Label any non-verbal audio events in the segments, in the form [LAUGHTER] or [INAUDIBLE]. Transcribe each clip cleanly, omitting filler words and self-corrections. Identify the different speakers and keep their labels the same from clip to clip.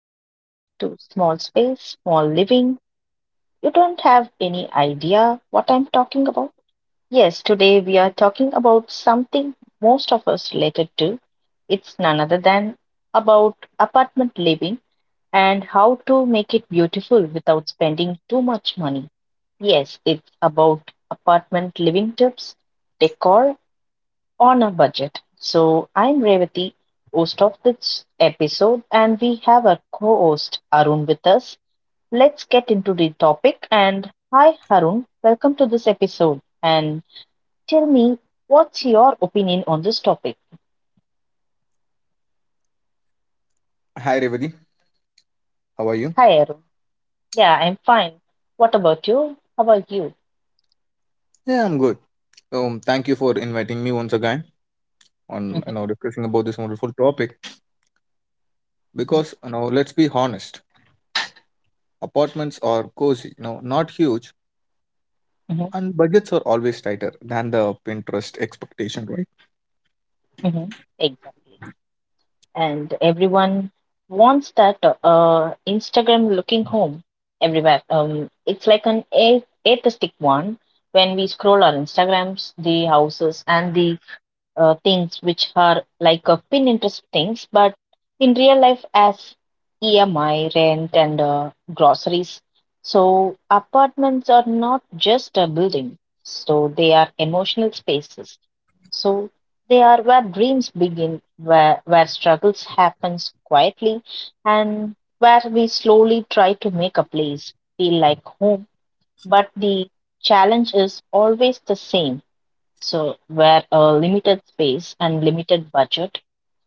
Speaker 1: Welcome back to Small Space, Small Living. You don't have any idea what I'm talking about? Yes, today we are talking about something most of us related to. It's none other than about apartment living and how to make it beautiful without spending too much money. Yes, it's about apartment living tips, decor on a budget. So I'm Revati, host of this episode, and we have our co-host Arun with us, let's get into the topic. And hi, Harun, welcome to this episode. And tell me, what's your opinion on this topic?
Speaker 2: Hi, Revati. How are you?
Speaker 1: Hi, Harun. Yeah, I'm fine. What about you? How about you?
Speaker 2: Yeah, I'm good. Thank you for inviting me once again on
Speaker 1: Mm-hmm.
Speaker 2: discussing about this wonderful topic. Because you know, let's be honest, apartments are cozy, you know, not huge,
Speaker 1: Hmm.
Speaker 2: and budgets are always tighter than the Pinterest expectation, right?
Speaker 1: Hmm. Exactly. And everyone wants that Instagram looking home everywhere. It's like an atheistic one. When we scroll our Instagrams, the houses and the things which are like a pin interest things, but in real life as EMI, rent, and groceries. So apartments are not just a building, so they are emotional spaces. So they are where dreams begin, where struggles happens quietly, and where we slowly try to make a place feel like home. But the challenge is always the same, so, where a limited space and limited budget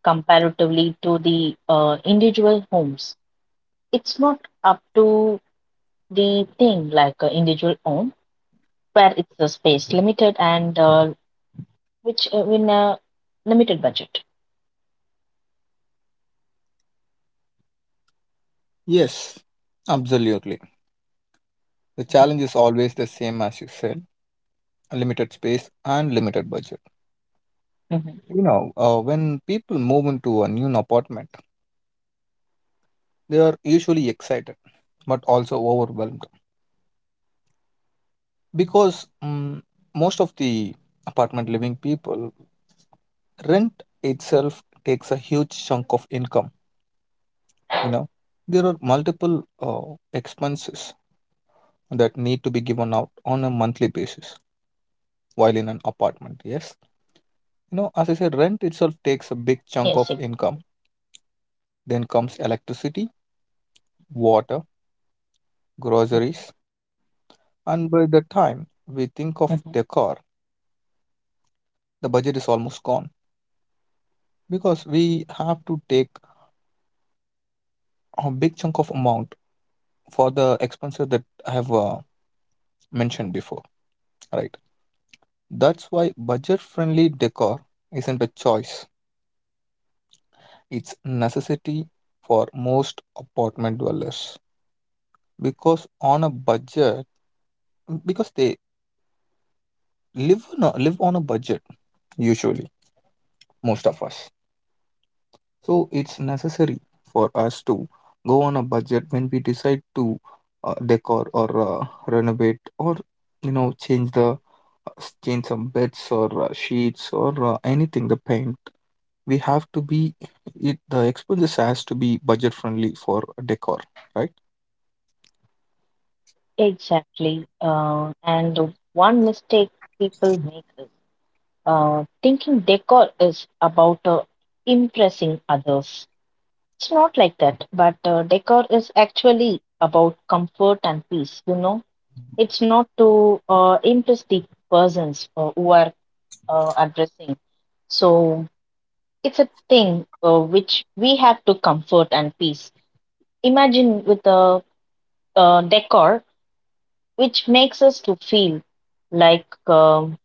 Speaker 1: comparatively to the individual homes, it's not up to the thing like individual home where it's a space limited and which in a limited budget.
Speaker 2: Yes, absolutely. The
Speaker 1: Mhm.
Speaker 2: challenge is always the same as you said: limited space and limited budget.
Speaker 1: Mhm.
Speaker 2: You know, when people move into a new apartment, they are usually excited, but also overwhelmed because most of the apartment living people, rent itself takes a huge chunk of income. You know, there are multiple expenses that need to be given out on a monthly basis while in an apartment. Yes, you know, as I
Speaker 1: Yes,
Speaker 2: said,
Speaker 1: exactly.
Speaker 2: rent itself takes a big chunk of income. Then comes electricity, water, groceries,
Speaker 1: Mhm.
Speaker 2: and by the time we think of decor, the budget is almost gone, because we have to take a big chunk of amount for the expenses that I have mentioned before, right? That's why budget friendly decor isn't a choice, it's necessity for most apartment dwellers, because on a budget, because they live on a budget usually, most of us. So it's necessary for us to go on a budget when we decide to decor or renovate or, you know, change the change some beds or sheets or anything, the paint. We have to be it, the expenses has to be budget friendly for decor, right?
Speaker 1: Exactly. And one mistake people make is thinking decor is about impressing others. It's not like that, but decor is actually about comfort and peace, you know. It's not to impress the persons who are addressing. So it's a thing which we have to comfort and peace. Imagine with a decor which makes us to feel like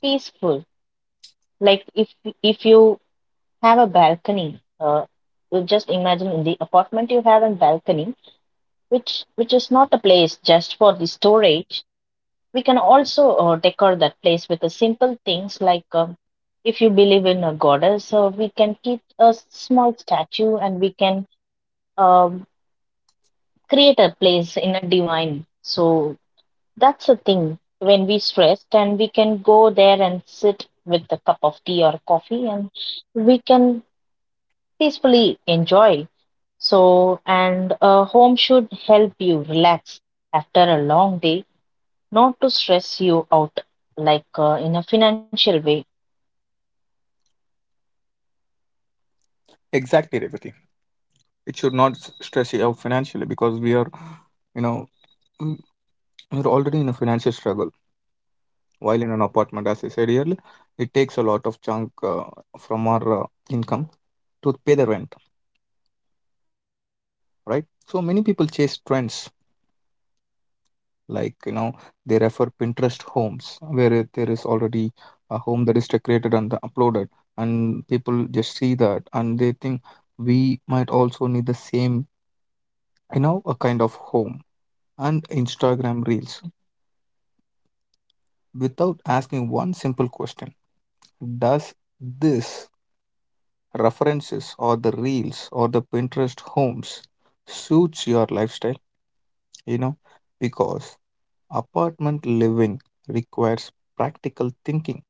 Speaker 1: peaceful. Like if you have a balcony, you just imagine in the apartment you have a balcony which is not a place just for the storage. We can also decor that place with the simple things like if you believe in a goddess, we can keep a small statue and we can um, create a place in a divine. So that's the thing. When we stressed, and we can go there and sit with a cup of tea or coffee, and we can peacefully enjoy. So, and a home should help you relax after a long day, not to stress you out like in a financial way.
Speaker 2: Exactly, Revati. It should not stress you out financially because we are, you know, mm, we're already in a financial struggle. While in an apartment, as I said earlier, it takes a lot of chunk from our income to pay the rent, right? So many people chase trends, like, you know, they refer Pinterest homes where there is already a home that is decorated and uploaded, and people just see that and they think we might also need the same, you know, a kind of home, and Instagram reels, without asking one simple question: Does this references or the reels or the Pinterest homes suits your lifestyle, you know, because apartment living requires practical thinking,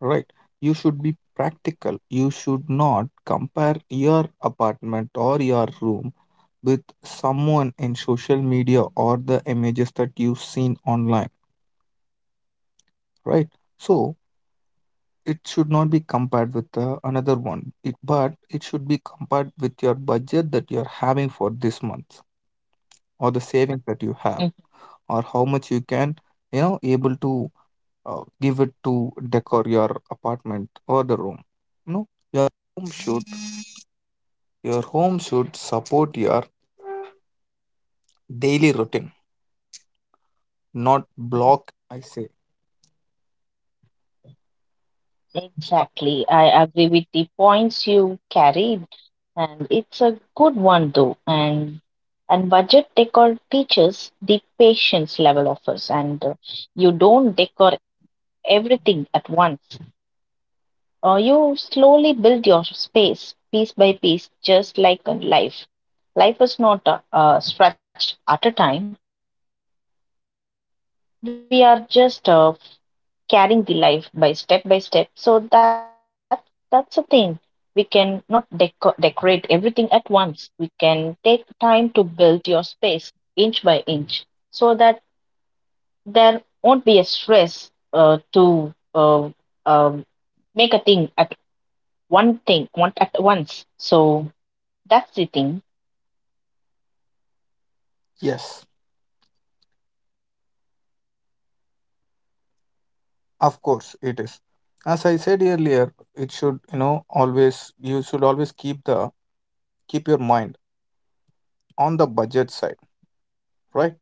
Speaker 2: right? You should be practical. You should not compare your apartment or your room with someone in social media or the images that you've seen online, right? So, it should not be compared with another one, it, but it should be compared with your budget that you're having for this month or the
Speaker 1: Mhm.
Speaker 2: savings that you have, or how much you can, you know, able to give it to decor your apartment or the room.
Speaker 1: Mhm. Exactly, I agree with the points you carried, and it's a good one though. And budget decor teaches the patience level of us, and you don't decor everything at once. You slowly build your space piece by piece, just like in life. Life is not stretched at a time, we are just carrying the life by step by step. So that that's a thing. We can not decorate everything at once. We can take time to build your space inch by inch, so that there won't be a stress to um make a thing at one thing one at once. So that's the thing.
Speaker 2: Yes, of course it is. As I said earlier, it should, you know, always, you should always keep the keep your mind on the budget side, right?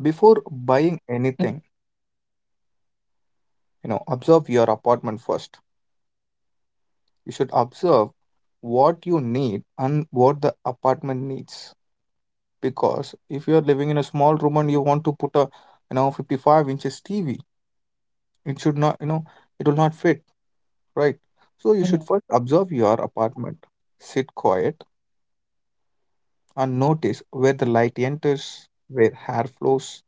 Speaker 2: Before buying anything,
Speaker 1: Mhm.
Speaker 2: you know, observe your apartment first. You should observe what you need and what the apartment needs. Because if you are living in a small room and you want to put a, you know, 55 inches TV, it should not, you know, it will not fit, right? So you should first
Speaker 1: Mhm.
Speaker 2: observe your apartment, sit quiet and notice where the light enters, where hair flows,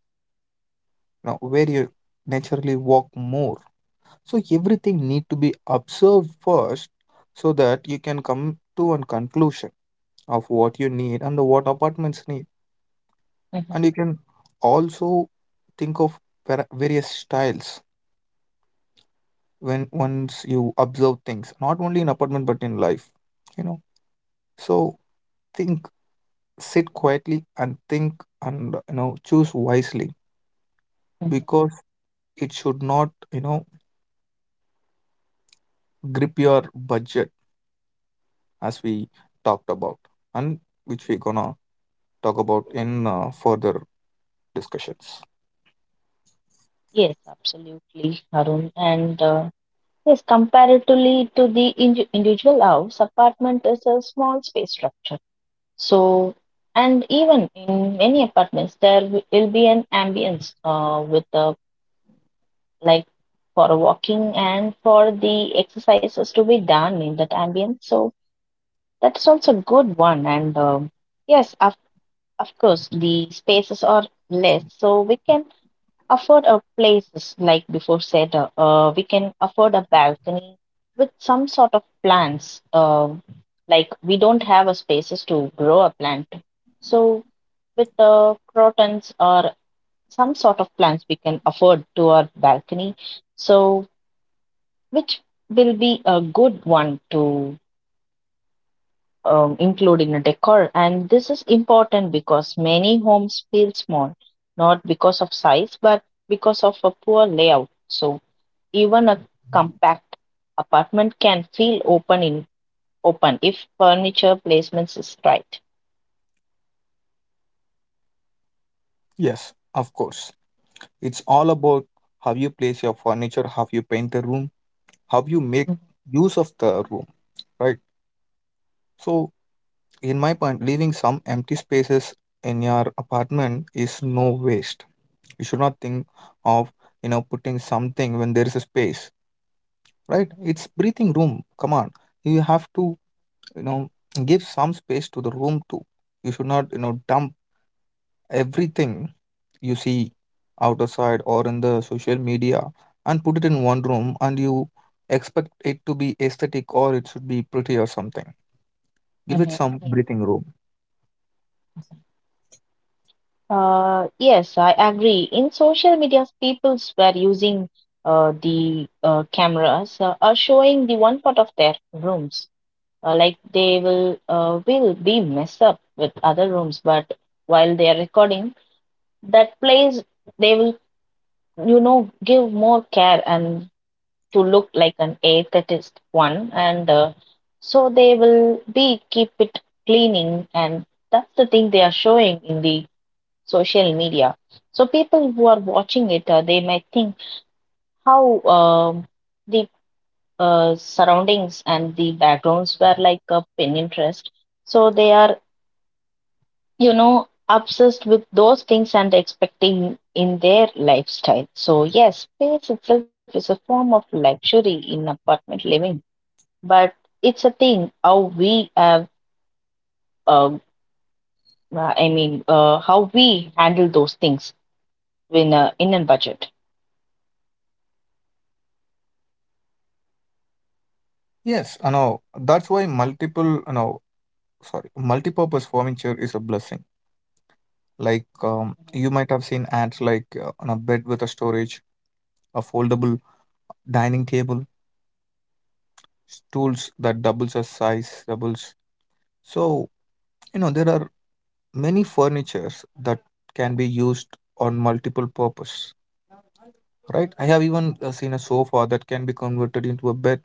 Speaker 2: now where you naturally walk more. So everything need to be observed first, so that you can come to a conclusion of what you need and the what apartments need. And you can
Speaker 1: Mhm.
Speaker 2: also think of various styles when once you observe things, not only in apartment but in life. You know, so think, sit quietly and think, and, you know, choose wisely,
Speaker 1: Mhm.
Speaker 2: because it should not, you know, grip your budget, as we talked about, and which we're gonna talk about in further discussions.
Speaker 1: Yes, absolutely, Harun. And Yes, comparatively to the individual house, apartment is a small space structure. So, and even in many apartments, there will be an ambience with the like for walking and for the exercises to be done in that ambience. So that's also a good one. And yes, of course, the spaces are less, so we can afford a places like before said we can afford a balcony with some sort of plants like we don't have a spaces to grow a plant, so with crotons or some sort of plants we can afford to our balcony, so which will be a good one to include in a decor. And this is important because many homes feel small, not because of size but because of a poor layout. So even a compact apartment can feel open in open if furniture placements is right.
Speaker 2: Yes, of course, it's all about how you place your furniture, how you paint the room, how you make use of the room, right? So in my point, leaving some empty spaces in your apartment is no waste. You should not think of, you know, putting something when there is a space, right? It's breathing room. Come on, you have to, you know, give some space to the room too. You should not, you know, dump everything you see outside or in the social media and put it in one room and you expect it to be aesthetic or it should be pretty or something. Give it some
Speaker 1: Mhm.
Speaker 2: breathing room.
Speaker 1: Yes, I agree. In social media, people were using the cameras are showing the one part of their rooms. Like they will be mess up with other rooms, but while they are recording, that place they will, you know, give more care and to look like an atheist one, and so they will be keep it cleaning, and that's the thing they are showing in the social media. So people who are watching it, they might think how the surroundings and the backgrounds were like a pin interest. So they are, you know, obsessed with those things and expecting in their lifestyle. So yes, space itself is a form of luxury in apartment living. But it's a thing how we have uh, how we handle those things when in a budget.
Speaker 2: Yes, I know. That's why multiple, you know, sorry, multi-purpose furniture is a blessing. Like, you might have seen ads like on a bed with a storage, a foldable dining table, stools that doubles as size, doubles. So, you know, there are many furnitures that can be used on multiple purpose, right? I have even seen a sofa that can be converted into a bed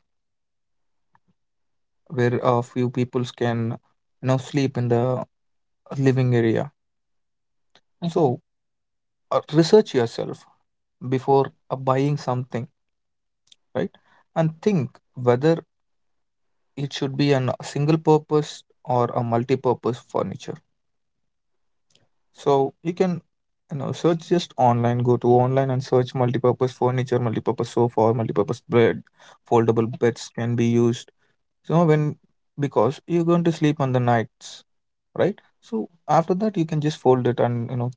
Speaker 2: where a few peoples can, you know, sleep in the living area.
Speaker 1: Mhm.
Speaker 2: So, research yourself before buying something, right? And think whether it should be an a single purpose or a multi-purpose furniture. So you can, you know, search just online, go to online and search multipurpose furniture, multipurpose sofa, or multipurpose bed, foldable beds can be used. So when, because you're going to sleep on the nights, right? So after that you can just fold it and, you know,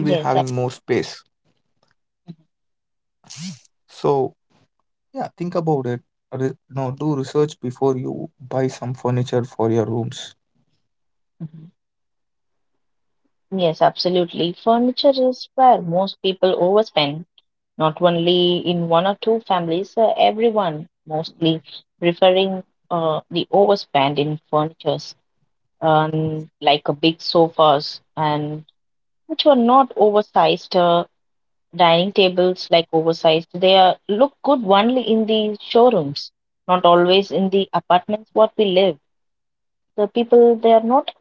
Speaker 1: Yes, absolutely.
Speaker 2: to research before you buy some furniture for your rooms.
Speaker 1: Hmm. Yes, absolutely, furniture is where most people overspend, not only in one or two families, everyone mostly preferring the overspend in furnitures, like a big sofas and which were not oversized. Dining tables like oversized, they are look good only in the showrooms, not always in the apartments what we live. The people they are not,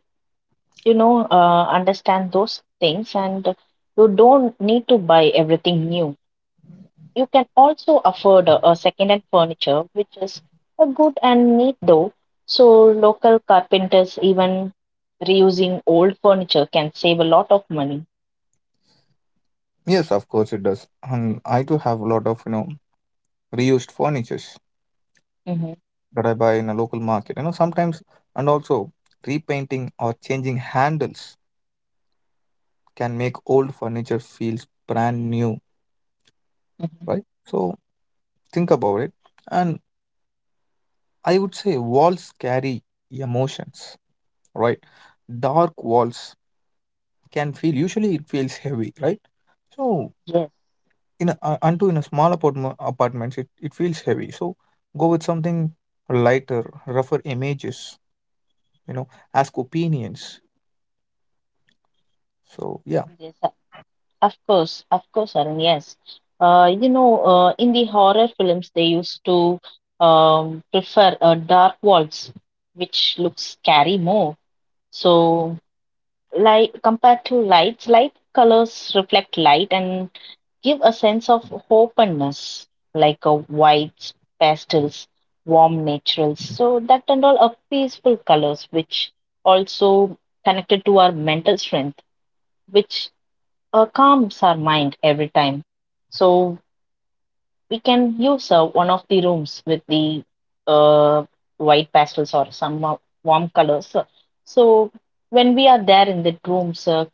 Speaker 1: you know, understand those things, and you don't need to buy everything new. You can also afford a second-hand furniture, which is a good and neat though. So local carpenters, even reusing old furniture, can save a lot of money.
Speaker 2: Yes, of course it does. And I do have a lot of, you know, reused furnitures
Speaker 1: Hmm.
Speaker 2: that I buy in a local market. You know, sometimes, and also repainting or changing handles can make old furniture feels brand new,
Speaker 1: Hmm.
Speaker 2: right? So think about it. And I would say walls carry emotions, right? Dark walls can feel, usually it feels heavy, right? So
Speaker 1: Yes.
Speaker 2: in a, unto in a small apartments, it feels heavy, so go with something lighter, rougher images, you know, ask opinions, so yeah.
Speaker 1: Yes. Of course, Arun, yes. You know, in the horror films, they used to prefer dark walls, which looks scary more. So, like compared to lights, light colors reflect light and give a sense of openness, like a whites, pastels, warm naturals. So that and all are peaceful colors, which also connected to our mental strength, which calms our mind every time. So we can use one of the rooms with the uh, white pastels or some warm colors. So when we are there in the rooms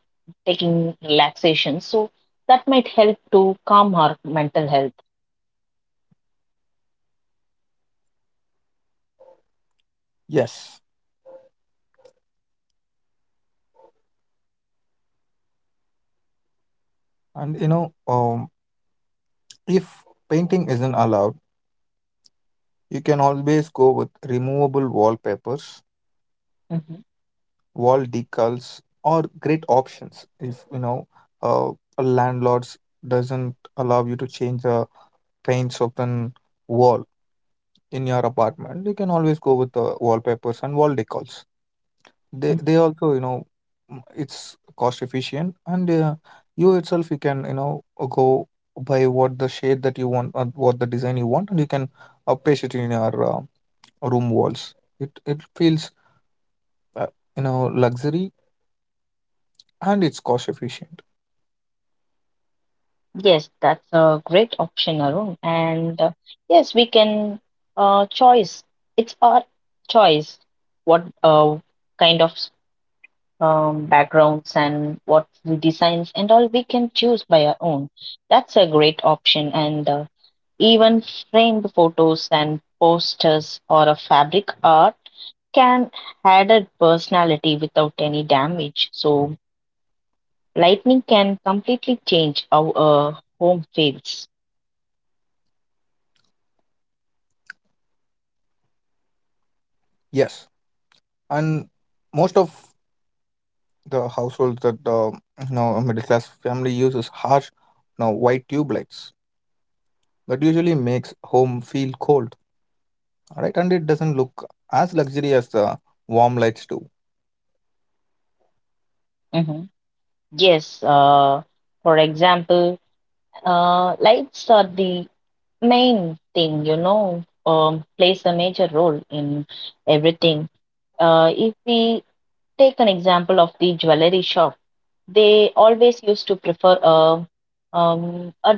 Speaker 1: taking relaxation, so that might help to calm our mental health.
Speaker 2: Yes, and you know, if painting isn't allowed, you can always go with removable wallpapers,
Speaker 1: Mhm.
Speaker 2: wall decals or great options if you know, uh, a landlord's doesn't allow you to change the paints of the wall in your apartment, you can always go with the wallpapers and wall decals. they
Speaker 1: Mhm.
Speaker 2: they also, you know, it's cost efficient, and you itself you can, you know, go by what the shade that you want or what the design you want, and you can paste it in your room walls. It feels, uh, you know, luxury, and it's cost efficient.
Speaker 1: Yes, that's a great option, Arun. And yes, we can choice. It's our choice what kind of backgrounds and what we designs and all we can choose by our own. That's a great option. And Even framed photos and posters or a fabric art can add a personality without any damage. So lightning can completely change how a home feels.
Speaker 2: Yes, and most of the households that you know, a middle class family uses harsh, you know, white tube lights that usually makes home feel cold, right? And it doesn't look as luxury as the warm lights do.
Speaker 1: Mhm. Yes. For example, lights are the main thing, you know, plays a major role in everything. If we take an example of the jewelry shop, they always used to prefer a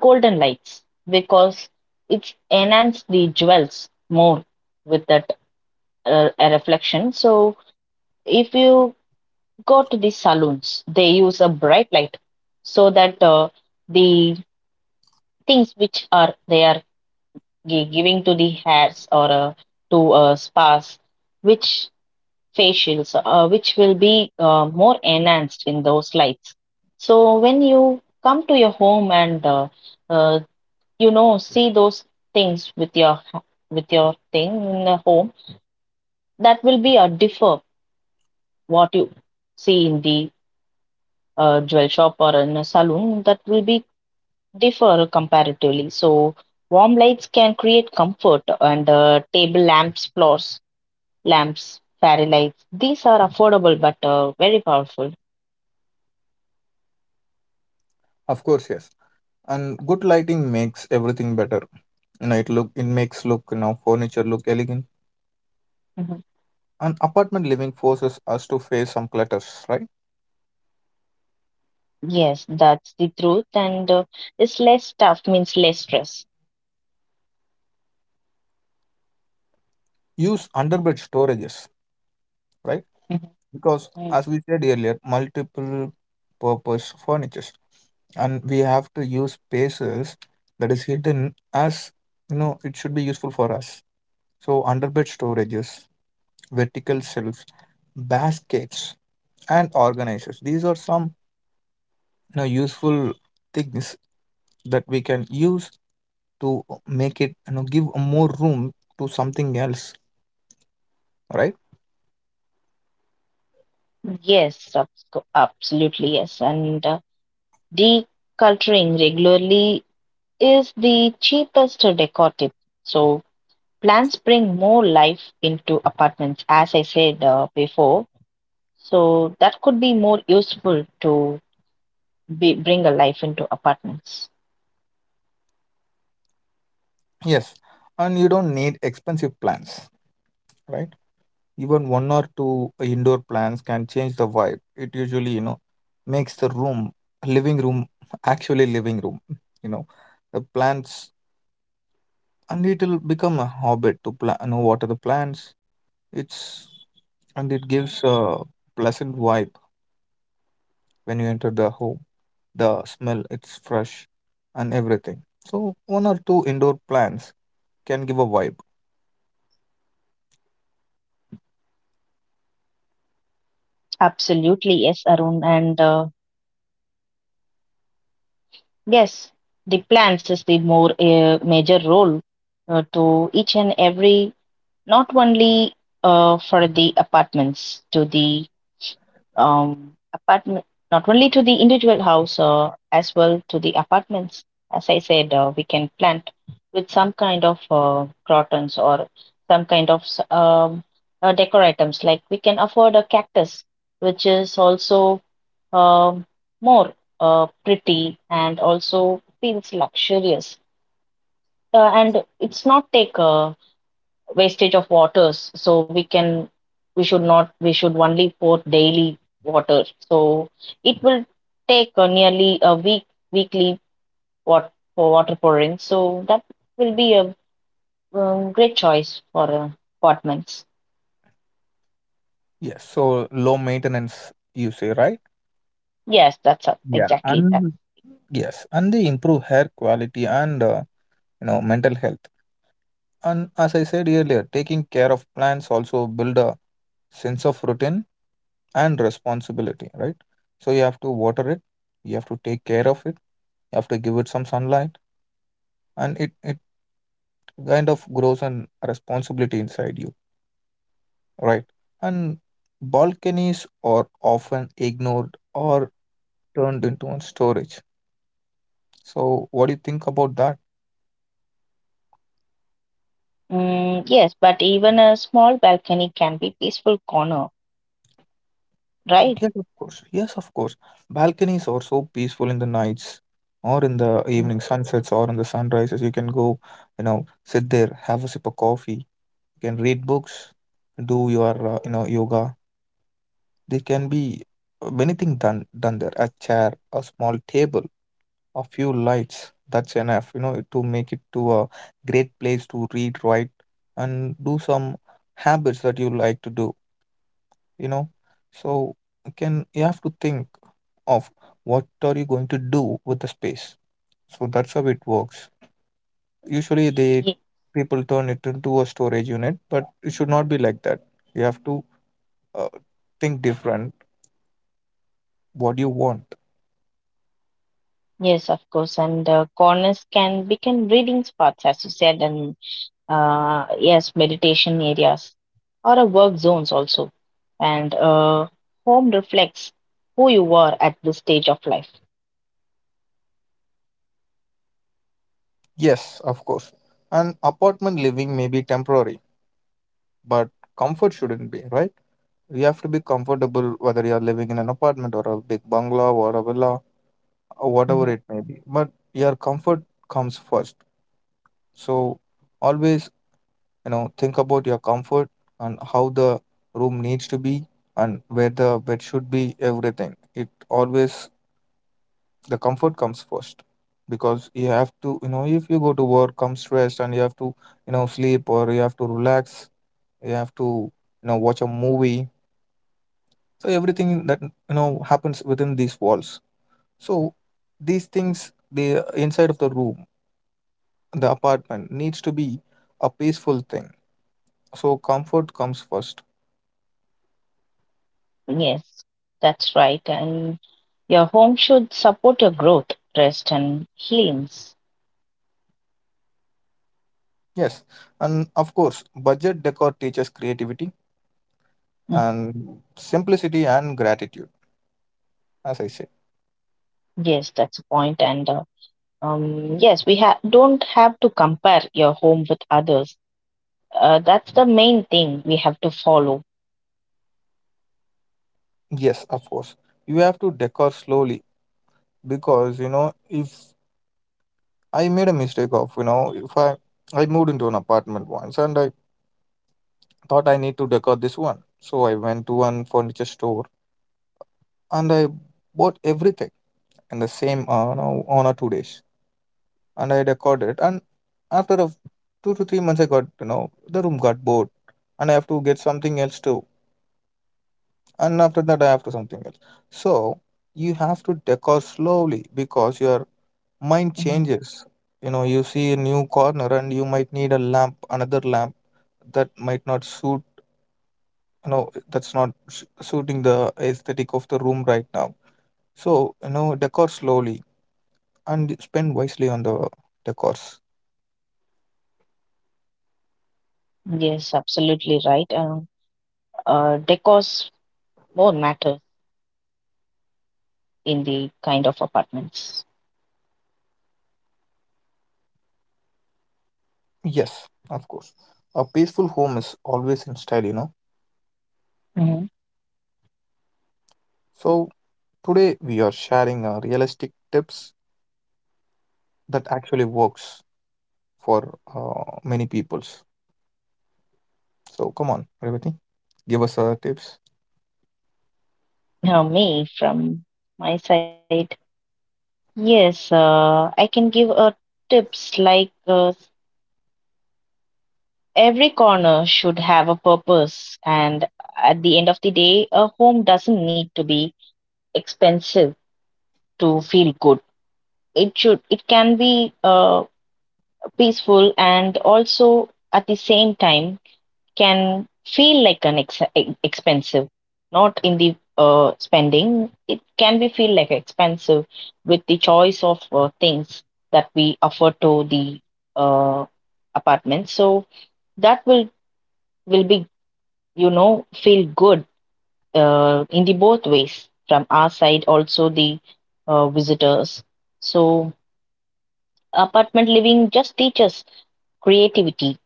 Speaker 1: golden lights because it's enhanced the jewels more with that a reflection. So if you go to the saloons, they use a bright light so that the things which are there giving to the hairs or to spas, which facials, which will be more enhanced in those lights. So when you come to your home and uh, you know see those things with your thing in the home, that will be a differ what you see in the jewel shop or in a saloon. That will be differ comparatively. So warm lights can create comfort, and table lamps, floors lamps, fairy lights, these are affordable but very powerful.
Speaker 2: Of course, yes. And good lighting makes everything better. You know, it look, it makes look, you know, furniture look elegant.
Speaker 1: Mhm.
Speaker 2: And apartment living forces us to face some clutters, right?
Speaker 1: Yes, that's the truth, and it's less stuff means less stress.
Speaker 2: Use underbed storages, right?
Speaker 1: Mhm.
Speaker 2: Because
Speaker 1: Mm.
Speaker 2: as we said earlier, multiple purpose furnitures, and we have to use spaces that is hidden as, you know, it should be useful for us. So underbed storages, vertical shelves, baskets, and organizers. These are some, you know, useful things that we can use to make it, you know, give more room to something else, right?
Speaker 1: Yes, absolutely, yes. And Decluttering regularly is the cheapest decor tip. So, plants bring more life into apartments, as I said before. So, that could be more useful to bring a life into apartments.
Speaker 2: Yes, and you don't need expensive plants, right? Even one or two indoor plants can change the vibe. It usually, you know, makes the room, living room, actually living room. You know, the plants, and it'll become a habit to plan. You know, water the plants. It's, and it gives a pleasant vibe when you enter the home. The smell, it's fresh and everything. So one or two indoor plants can give a vibe.
Speaker 1: Absolutely, yes, Arun. And yes, the plans is the more major role to each and every, not only for the apartments, to the apartment, not only to the individual house, as well to the apartments. As I said, we can plant with some kind of crotons or some kind of decor items. Like we can afford a cactus, which is also Um, more pretty and also feels luxurious. And it's not take a wastage of waters, so we can we should not we should only pour daily water. So it will take nearly a week weekly what for water pouring. So that will be a great choice for apartments.
Speaker 2: Yes, so low maintenance, you say, right?
Speaker 1: Yes, that's
Speaker 2: Yeah,
Speaker 1: exactly that.
Speaker 2: and yes, and they improve hair quality and, you know, mental health. And as I said earlier, taking care of plants also build a sense of routine and responsibility, right? So you have to water it, you have to take care of it, you have to give it some sunlight, and it kind of grows an responsibility inside you, right? And balconies are often ignored or turned into a storage. So what do you think about that?
Speaker 1: Mm, yes, but even a small balcony can be peaceful corner, right?
Speaker 2: Yes, of course. Yes, of course. Balconies are so peaceful in the nights or in the evening sunsets or in the sunrises. You can go, you know, sit there, have a sip of coffee. You can read books, do your you know, yoga. There can be many things done there. A chair, a small table, a few lights, that's enough, you know, to make it to a great place to read, write, and do some habits that you like to do, you know. So you can, you have to think of what are you going to do with the space. So that's how it works. Usually they,
Speaker 1: Ye-
Speaker 2: people turn it into a storage unit, but it should not be like that. You have to, uh, think different, what do you want.
Speaker 1: Yes, of course, and corners can become reading spots, as you said, and yes, meditation areas or a work zones also. And Home reflects who you are at this stage of life.
Speaker 2: Yes, of course. An apartment living may be temporary, but comfort shouldn't be, right? You have to be comfortable, whether you're living in an apartment or a big bungalow or a villa or whatever
Speaker 1: Mhm.
Speaker 2: it may be, but your comfort comes first. So always, you know, think about your comfort, and how the room needs to be, and where the bed should be, everything. It always, the comfort comes first, because you have to, you know, if you go to work, come stressed and you have to, you know, sleep, or you have to relax, you have to, you know, watch a movie. So everything that, you know, happens within these walls. So these things, the inside of the room, the apartment needs to be a peaceful thing. So comfort comes first.
Speaker 1: Yes, that's right. And your home should support your growth, rest, and healings.
Speaker 2: Yes, and of course, budget decor teaches creativity
Speaker 1: Mhm.
Speaker 2: and simplicity and gratitude, as I said.
Speaker 1: Yes, that's a point. And Yes, we ha don't have to compare your home with others. That's the main thing we have to follow.
Speaker 2: Yes, of course. You have to decor slowly, because if I made a mistake of you know if I I moved into an apartment once, and I thought I need to decor this one, so I went to one furniture store, and I bought everything in the same you know, 1 or 2 days, and I decored it. And after 2 to 3 months, I got, you know, the room got bored, and I have to get something else too, and after that I have to something else. So you have to decor slowly because you are. Mind
Speaker 1: Mhm.
Speaker 2: changes. You know, you see a new corner and you might need a lamp, another lamp that might not suit, you know, that's not suiting the aesthetic of the room right now. So, you know, decor slowly and spend wisely on the decors.
Speaker 1: Yes, absolutely right. Decors more matter in the kind of apartments.
Speaker 2: Yes, of course. A peaceful home is always in style, you know.
Speaker 1: Mhm.
Speaker 2: So today we are sharing realistic tips that actually works for many peoples. So come on, Revati, give us tips.
Speaker 1: Now, me from my side, yes, I can give a tips like every corner should have a purpose, and at the end of the day, a home doesn't need to be expensive to feel good. It should. It can be. Uh, Peaceful and also at the same time can feel like an expensive, not in the spending. It can be feel like expensive with the choice of things that we offer to the uh, apartment, so that will be, you know, feel good in the both ways from our side also the visitors. So apartment living just teaches creativity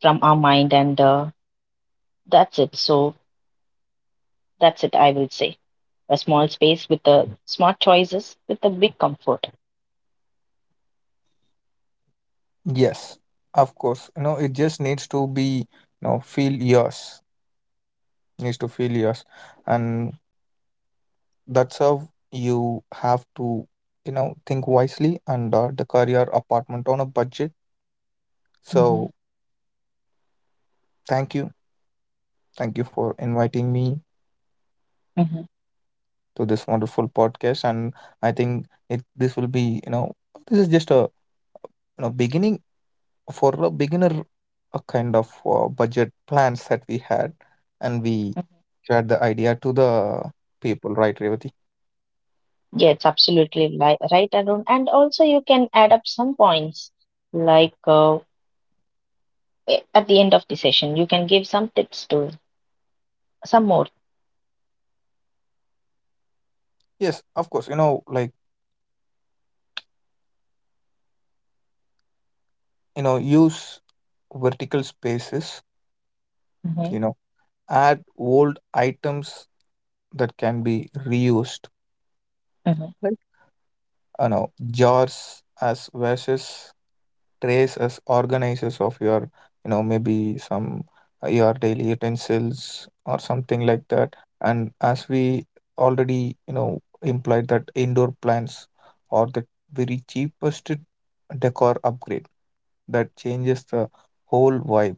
Speaker 1: from our mind, and that's it. So, that's it, I will say. A small space with the smart choices with the big comfort.
Speaker 2: Yes, of course. You know, it just needs to be, you know, feel yours, needs to feel yours. And that's how you have to, you know, think wisely and the career apartment on a budget.
Speaker 1: Hmm.
Speaker 2: So thank you. Thank you for inviting me
Speaker 1: Hmm.
Speaker 2: to this wonderful podcast. And I think it this will be, you know, this is just a, you know, beginning for a beginner, a kind of budget plans that we had, and we shared the idea to the people, right, Revati?
Speaker 1: Yeah, it's absolutely right, Arun. And also, you can add up some points, like at the end of the session, you can give some tips to some more.
Speaker 2: Yes, of course, you know, like, you know, use vertical spaces,
Speaker 1: Hmm.
Speaker 2: you know, add old items that can be reused.
Speaker 1: Hmm.
Speaker 2: Like, you know, jars as vases, trays as organizers of your, you know, maybe some your daily utensils or something like that. And as we already, you know, implied that indoor plants are the very cheapest decor upgrade that changes the whole vibe,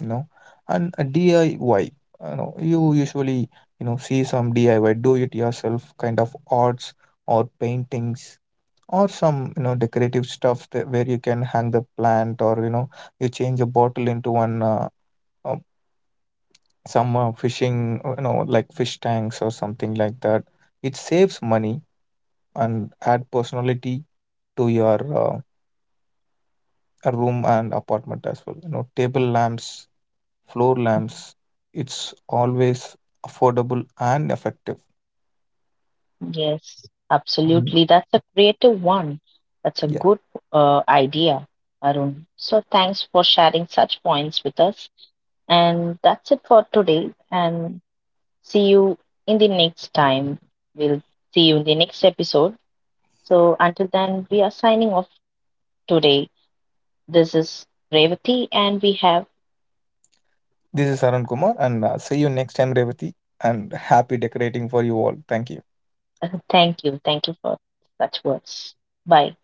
Speaker 2: you know. And a DIY, you know, you usually, you know, see some DIY, do it yourself kind of arts or paintings or some, you know, decorative stuff, that where you can hang the plant, or you know, you change a bottle into one uh, some fishing, you know, like fish tanks or something like that. It saves money and add personality to your, uh, room and apartment as well. You know, table lamps, floor lamps. It's always affordable and effective.
Speaker 1: Yes,
Speaker 2: Mhm.
Speaker 1: absolutely. That's a creative one. That's a
Speaker 2: Yeah.
Speaker 1: good idea, Arun. So, thanks for sharing such points with us. And that's it for today. And see you in the next time. We'll see you in the next episode. So until then, we are signing off today. This is Revati, and we have
Speaker 2: This is Arun Kumar, and see you next time, Revati. And happy decorating for you all. Thank you.
Speaker 1: [LAUGHS] thank you. Thank you for such words. Bye.